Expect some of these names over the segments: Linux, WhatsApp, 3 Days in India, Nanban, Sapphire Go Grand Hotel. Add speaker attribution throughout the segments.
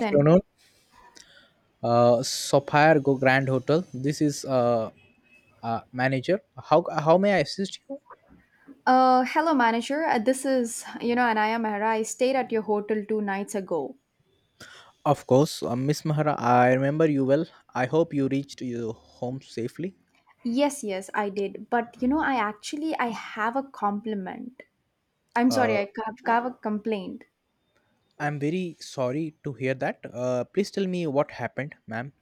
Speaker 1: Then,
Speaker 2: Afternoon. Sapphire Go Grand Hotel. This is manager. How how may I assist you?
Speaker 1: hello, manager. This is, and I am Mehra. I stayed at your hotel two nights ago.
Speaker 2: Of course, Miss Mahara. I remember you well. I hope you reached your home safely.
Speaker 1: Yes, yes, I did. But, you know, I have a compliment. I'm sorry,
Speaker 2: Uh,
Speaker 1: have a complaint.
Speaker 2: I'm very sorry to hear that. Please tell me what happened, ma'am.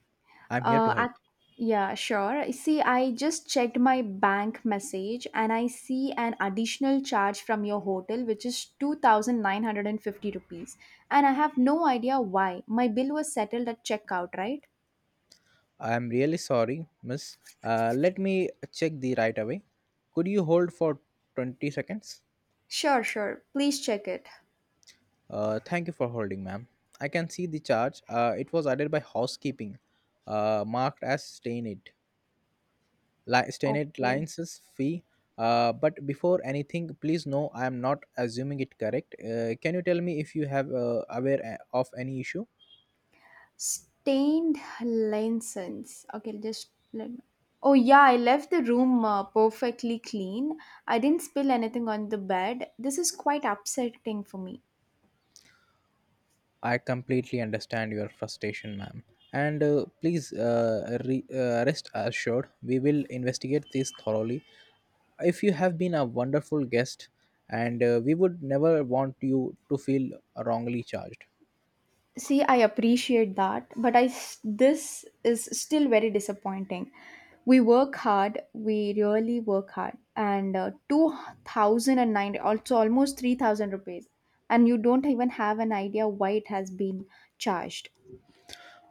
Speaker 2: I'm here to
Speaker 1: Uh,
Speaker 2: help.
Speaker 1: I, yeah, sure. See, I just checked my bank message and I see an additional charge from your hotel, which is 2,950 rupees. And I have no idea why. My bill was settled at checkout, right?
Speaker 2: I'm really sorry, Miss. Let me check the right away. Could you hold for 20 seconds?
Speaker 1: Sure, sure. Please check it.
Speaker 2: Thank you for holding, ma'am. I can see the charge. It was added by housekeeping, marked as stained. Stained
Speaker 1: Okay.
Speaker 2: license fee. But before anything, please know I am not assuming it correct. Can you tell me if you have aware of any issue?
Speaker 1: Stained lenses. Okay, just let me. Oh yeah, I left the room perfectly clean. I didn't spill anything on the bed. This is quite upsetting for me.
Speaker 2: I completely understand your frustration, ma'am. And please rest assured, we will investigate this thoroughly if you have been a wonderful guest and we would never want you to feel wrongly charged
Speaker 1: See, I appreciate that, but this is still very disappointing. We work hard. We really work hard, and 2,009, also almost 3,000 rupees, and you don't even have an idea why it has been charged.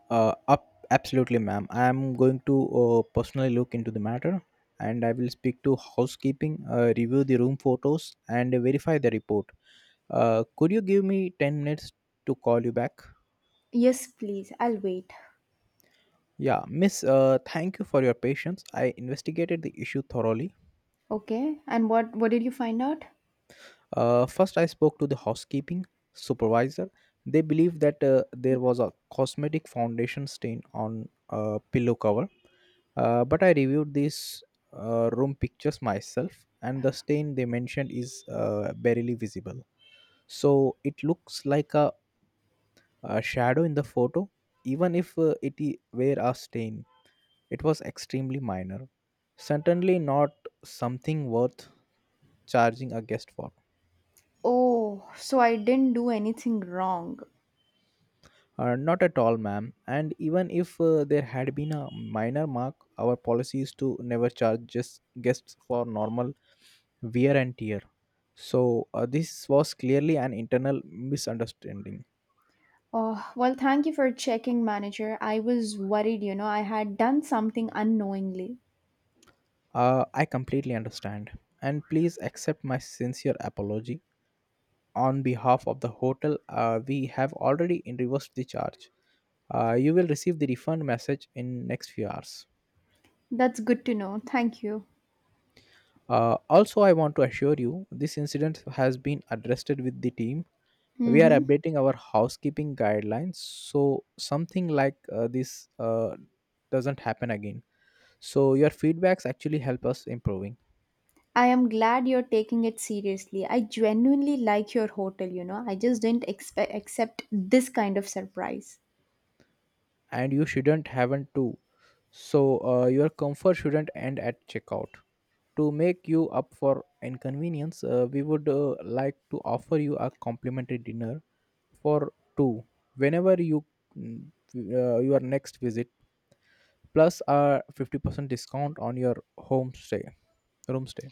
Speaker 2: up Absolutely, ma'am, I am going to personally look into the matter, and I will speak to housekeeping, review the room photos and verify the report. Could you give me 10 minutes to call you back?
Speaker 1: Yes, please. I'll wait.
Speaker 2: Yeah, Miss, thank you for your patience. I investigated the issue thoroughly.
Speaker 1: Okay, and what did you find out?
Speaker 2: First, I spoke to the housekeeping supervisor. They believed that there was a cosmetic foundation stain on a pillow cover, but I reviewed these room pictures myself, and the stain they mentioned is barely visible. So it looks like a shadow in the photo. Even if were a stain, it was extremely minor, certainly not something worth charging a guest for.
Speaker 1: Oh, so I didn't do anything wrong.
Speaker 2: Not at all, ma'am. And even if there had been a minor mark, our policy is to never charge just guests for normal wear and tear. So this was clearly an internal misunderstanding.
Speaker 1: Oh, well, thank you for checking, manager. I was worried, you know, I had done something unknowingly.
Speaker 2: I completely understand, and please accept my sincere apology on behalf of the hotel. We have already reversed the charge. You will receive the refund message in next few hours.
Speaker 1: That's good to know. Thank you.
Speaker 2: Also, I want to assure you this incident has been addressed with the team. We are
Speaker 1: Mm-hmm.
Speaker 2: updating our housekeeping guidelines so something like this doesn't happen again. So your feedbacks actually help us improving,
Speaker 1: I am glad you're taking it seriously. I genuinely like your hotel, you know. I just didn't expect accept this kind of surprise.
Speaker 2: and you shouldn't haven't to. So your comfort shouldn't end at checkout. To make you up for inconvenience, we would like to offer you a complimentary dinner for two whenever you your next visit, plus a 50% discount on your home stay room stay.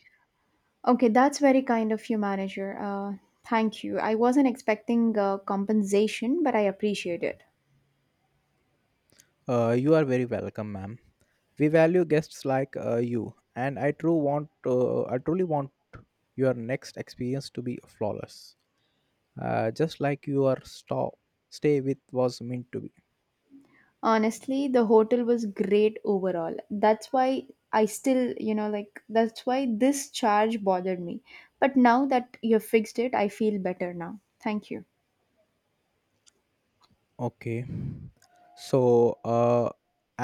Speaker 1: Okay, that's very kind of you, manager. Thank you. I wasn't expecting compensation, but I appreciate it.
Speaker 2: You are very welcome, ma'am. We value guests like you, and I truly want your next experience to be flawless, just like your stop stay with was meant to be.
Speaker 1: Honestly, the hotel was great overall. That's why I still, you know, like that's why this charge bothered me. But now that you've fixed it, I feel better now. Thank you.
Speaker 2: Okay, so uh,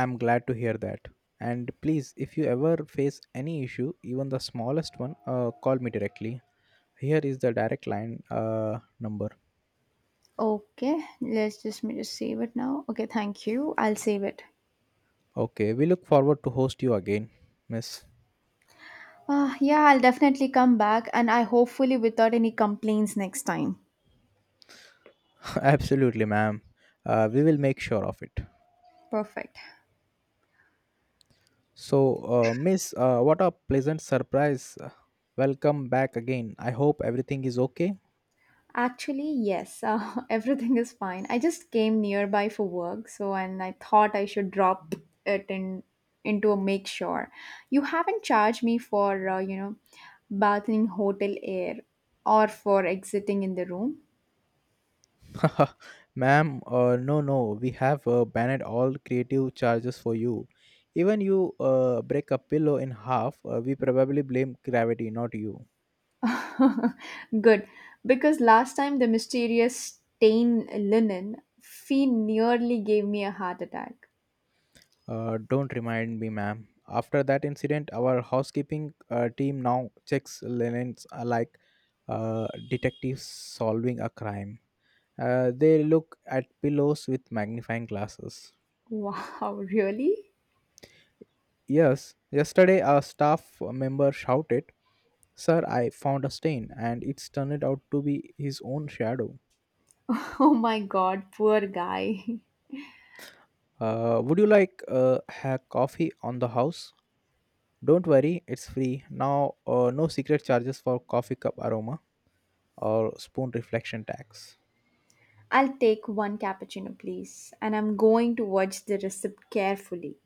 Speaker 2: I'm glad to hear that. And please, if you ever face any issue, even the smallest one, call me directly. Here is the direct line, number.
Speaker 1: Okay, let's just me just save it now. Okay, thank you. I'll save it.
Speaker 2: Okay, we look forward to host you again, Miss.
Speaker 1: Ah, yeah, I'll definitely come back and I hopefully without any complaints next time.
Speaker 2: Absolutely, ma'am. We will make sure of it.
Speaker 1: Perfect.
Speaker 2: So, Miss, what a pleasant surprise. Welcome back again. I hope everything is okay.
Speaker 1: Actually, yes, everything is fine. I just came nearby for work, so and I thought I should drop it in into a make sure. You haven't charged me for you know bathing hotel air or for exiting in the room.
Speaker 2: Ma'am, no, we have banned all creative charges for you. Even you break a pillow in half, we probably blame gravity, not you.
Speaker 1: Good, because last time the mysterious stain linen fee nearly gave me a heart attack.
Speaker 2: Don't remind me, ma'am. After that incident, our housekeeping team now checks linens like detectives solving a crime. They look at pillows with magnifying glasses.
Speaker 1: Wow, really?
Speaker 2: Yes, yesterday a staff member shouted, "Sir, I found a stain," and it's turned out to be his own shadow.
Speaker 1: Oh my god, poor guy.
Speaker 2: Would you like have coffee on the house? Don't worry, it's free. Now, no secret charges for coffee cup aroma or spoon reflection tax.
Speaker 1: I'll take one cappuccino, please, and I'm going to watch the receipt carefully.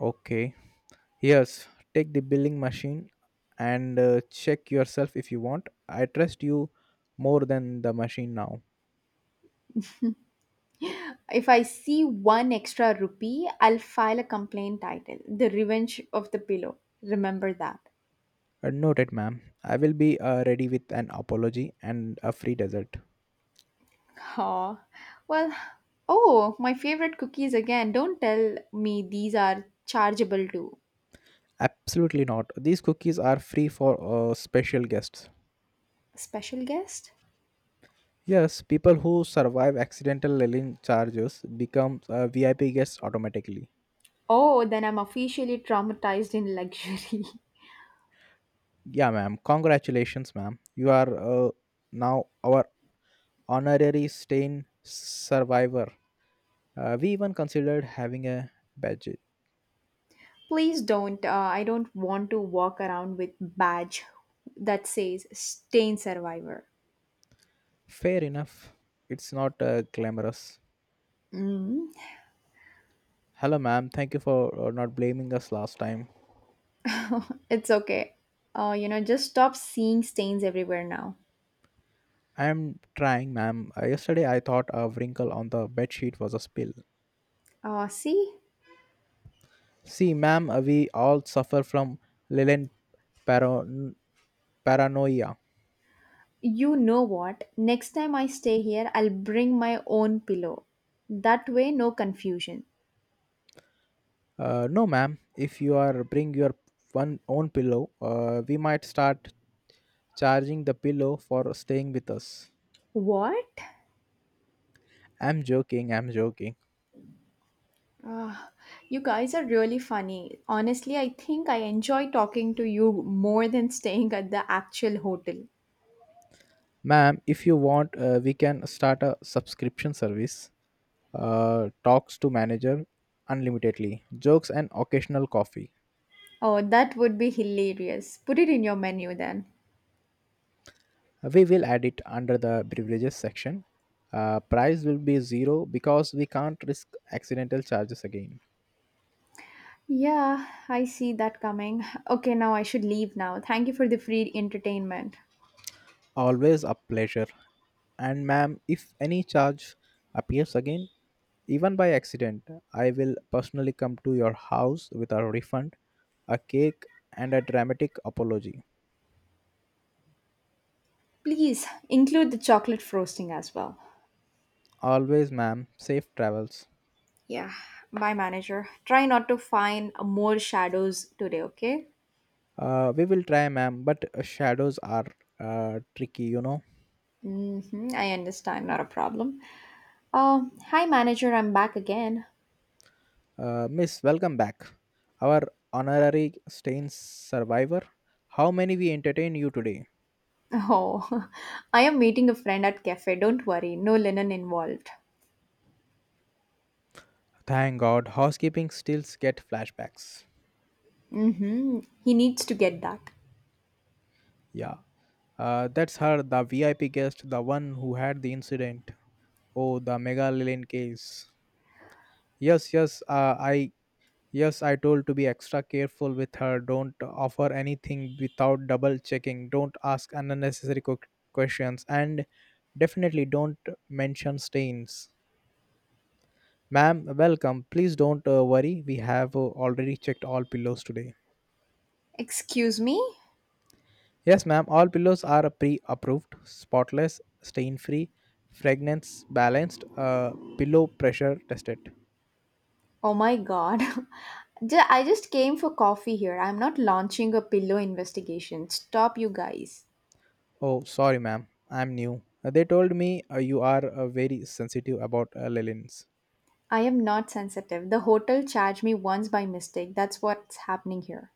Speaker 2: Okay. Yes, take the billing machine and check yourself if you want. I trust you more than the machine now.
Speaker 1: If I see one extra rupee, I'll file a complaint title The Revenge of the Pillow. Remember that.
Speaker 2: Noted, ma'am. I will be ready with an apology and a free dessert.
Speaker 1: Oh, well, oh, my favorite cookies again. Don't tell me these are chargeable to
Speaker 2: Absolutely not. These cookies are free for special guests.
Speaker 1: special guest.
Speaker 2: Yes, people who survive accidental linen charges become VIP guests automatically.
Speaker 1: Oh, then I'm officially traumatized in luxury.
Speaker 2: Yeah, ma'am. Congratulations, ma'am. You are now our honorary stain survivor. We even considered having a badge.
Speaker 1: Please don't. I don't want to walk around with badge that says stain survivor.
Speaker 2: Fair enough. It's not glamorous.
Speaker 1: Mm,
Speaker 2: Hello, ma'am. Thank you for not blaming us last time.
Speaker 1: it's okay. You know, just stop seeing stains everywhere now.
Speaker 2: I am trying, ma'am. Yesterday I thought a wrinkle on the bedsheet was a spill.
Speaker 1: Uh, see,
Speaker 2: See, ma'am, we all suffer from Leland paran- paranoia.
Speaker 1: you know what? Next time I stay here, I'll bring my own pillow. That way, no confusion.
Speaker 2: No, ma'am. If you are bring your one own pillow, we might start charging the pillow for staying with us.
Speaker 1: What?
Speaker 2: I'm joking.
Speaker 1: Ah, you guys are really funny. Honestly, I think I enjoy talking to you more than staying at the actual hotel.
Speaker 2: Ma'am, if you want, we can start a subscription service. Talks to manager unlimitedly, jokes and occasional coffee.
Speaker 1: Oh, that would be hilarious. Put it in your menu then.
Speaker 2: We will add it under the beverages section. Price will be zero because we can't risk accidental charges again.
Speaker 1: Yeah, I see that coming. Okay, now I should leave now. Thank you for the free entertainment.
Speaker 2: Always a pleasure. And ma'am, if any charge appears again, even by accident, I will personally come to your house with a refund, a cake, and a dramatic apology.
Speaker 1: Please include the chocolate frosting as well.
Speaker 2: Always, ma'am, safe travels.
Speaker 1: Yeah, bye, manager. Try not to find more shadows today, okay?
Speaker 2: We will try, ma'am, but shadows are tricky, you know.
Speaker 1: Mm-hmm, I understand, not a problem. Uh, Hi, manager, I'm back again.
Speaker 2: Miss, welcome back. Our honorary stain survivor. How many we entertain you today?
Speaker 1: Oh, I am meeting a friend at cafe. Don't worry, no linen involved.
Speaker 2: Thank God, housekeeping still get flashbacks.
Speaker 1: Mm-hmm, he needs to get that.
Speaker 2: Yeah, that's her, the VIP guest, the one who had the incident. Oh, the Mega Lillian case. Yes, yes, uh, I yes, I told to be extra careful with her. Don't offer anything without double checking. Don't ask unnecessary questions, and definitely don't mention stains. Ma'am, welcome. Please don't worry. We have already checked all pillows today.
Speaker 1: Excuse me?
Speaker 2: Yes, ma'am. All pillows are pre-approved, spotless, stain-free, fragrance balanced, pillow pressure tested.
Speaker 1: Oh my god. I just came for coffee here. I'm not launching a pillow investigation. Stop, you guys.
Speaker 2: Oh, sorry, ma'am. I'm new. They told me you are very sensitive about Lelins.
Speaker 1: I am not sensitive. The hotel charged me once by mistake. That's what's happening here.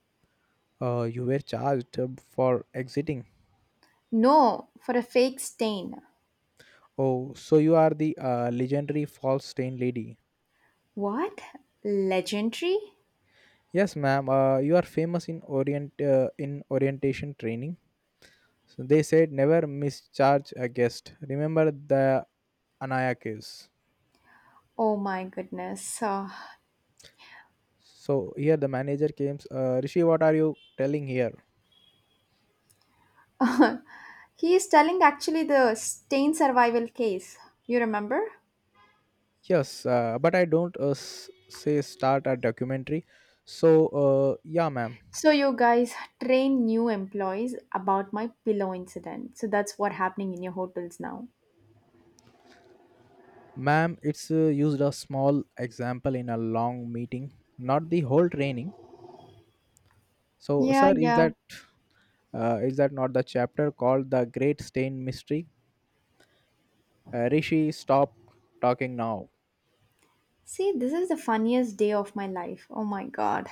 Speaker 2: You were charged for exiting.
Speaker 1: No, for a fake stain.
Speaker 2: Oh, so you are the legendary false stain lady.
Speaker 1: What? Legendary?
Speaker 2: Yes, ma'am. You are famous in orientation training. So they said never mischarge a guest. Remember the Anaya case.
Speaker 1: Oh my goodness.
Speaker 2: So here the manager came. Rishi, what are you telling here?
Speaker 1: He is telling actually the stain survival case. You remember?
Speaker 2: Yes, but I don't say start a documentary. So, yeah, ma'am.
Speaker 1: So you guys train new employees about my pillow incident. So that's what happening in your hotels now.
Speaker 2: Ma'am, it's used a small example in a long meeting, not the whole training. So,
Speaker 1: Yeah,
Speaker 2: sir, is
Speaker 1: yeah.
Speaker 2: that not the chapter called the Great Stain Mystery? Rishi, stop talking now.
Speaker 1: See, this is the funniest day of my life. Oh my god.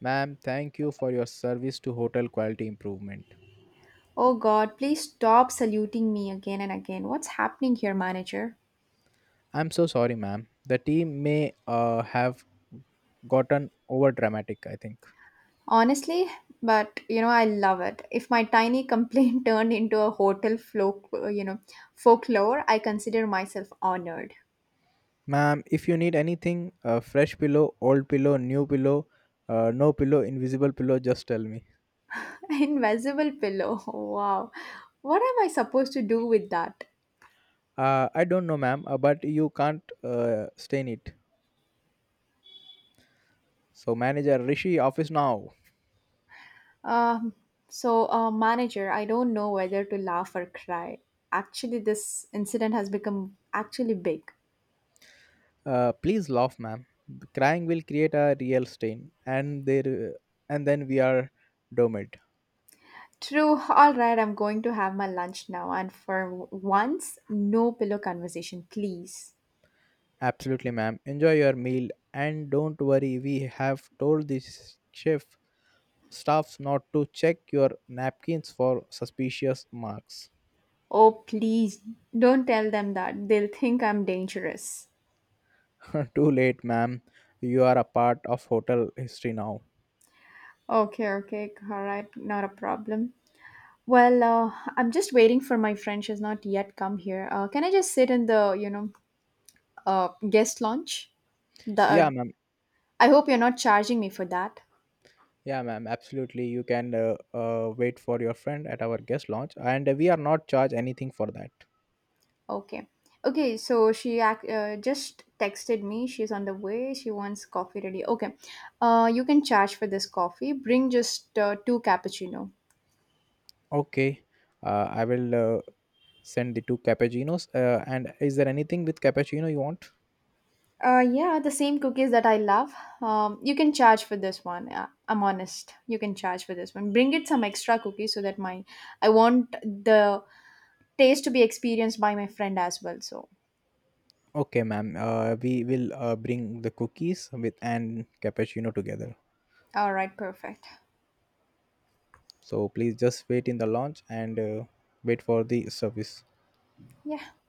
Speaker 2: Ma'am, thank you for your service to hotel quality improvement.
Speaker 1: Oh god, please stop saluting me again and again. What's happening here, manager?
Speaker 2: I'm so sorry, ma'am. The team may have gotten over dramatic, I think.
Speaker 1: Honestly, but you know, I love it. If my tiny complaint turned into a hotel folk, you know, folklore, I consider myself honored.
Speaker 2: Ma'am, if you need anything, a fresh pillow, old pillow, new pillow, no pillow, invisible pillow, just tell me.
Speaker 1: Invisible pillow. Wow. What am I supposed to do with that?
Speaker 2: I don't know, ma'am, but you can't stain it. So, manager Rishi, office now.
Speaker 1: Um, so, manager, I don't know whether to laugh or cry. Actually, this incident has become actually big.
Speaker 2: Please laugh, ma'am. Crying will create a real stain, and and then we are domed.
Speaker 1: True. All right, I'm going to have my lunch now. And for once, no pillow conversation, please.
Speaker 2: Absolutely, ma'am. Enjoy your meal, and don't worry. We have told the chef staffs not to check your napkins for suspicious marks.
Speaker 1: Oh, please don't tell them that. They'll think I'm dangerous.
Speaker 2: Too late, ma'am. You are a part of hotel history now.
Speaker 1: Okay, okay. All right, not a problem. Well, I'm just waiting for my friend. She has not yet come here. Can I just sit in the, you know, guest lounge? The
Speaker 2: Yeah, ma'am.
Speaker 1: I hope you're not charging me for that.
Speaker 2: Yeah, ma'am. Absolutely. You can wait for your friend at our guest lounge, and we are not charged anything for that.
Speaker 1: Okay. Okay, so she just texted me. She's on the way. She wants coffee ready. Okay. You can charge for this coffee. Bring just two cappuccino.
Speaker 2: Okay. I will send the two cappuccinos. And is there anything with cappuccino you want?
Speaker 1: Yeah, the same cookies that I love. You can charge for this one. I'm honest. You can charge for this one. Bring it some extra cookies so that my I want the taste to be experienced by my friend as well. So,
Speaker 2: Okay, ma'am. We will bring the cookies with and cappuccino together.
Speaker 1: all right, perfect.
Speaker 2: So please just wait in the lounge and wait for the service.
Speaker 1: Yeah.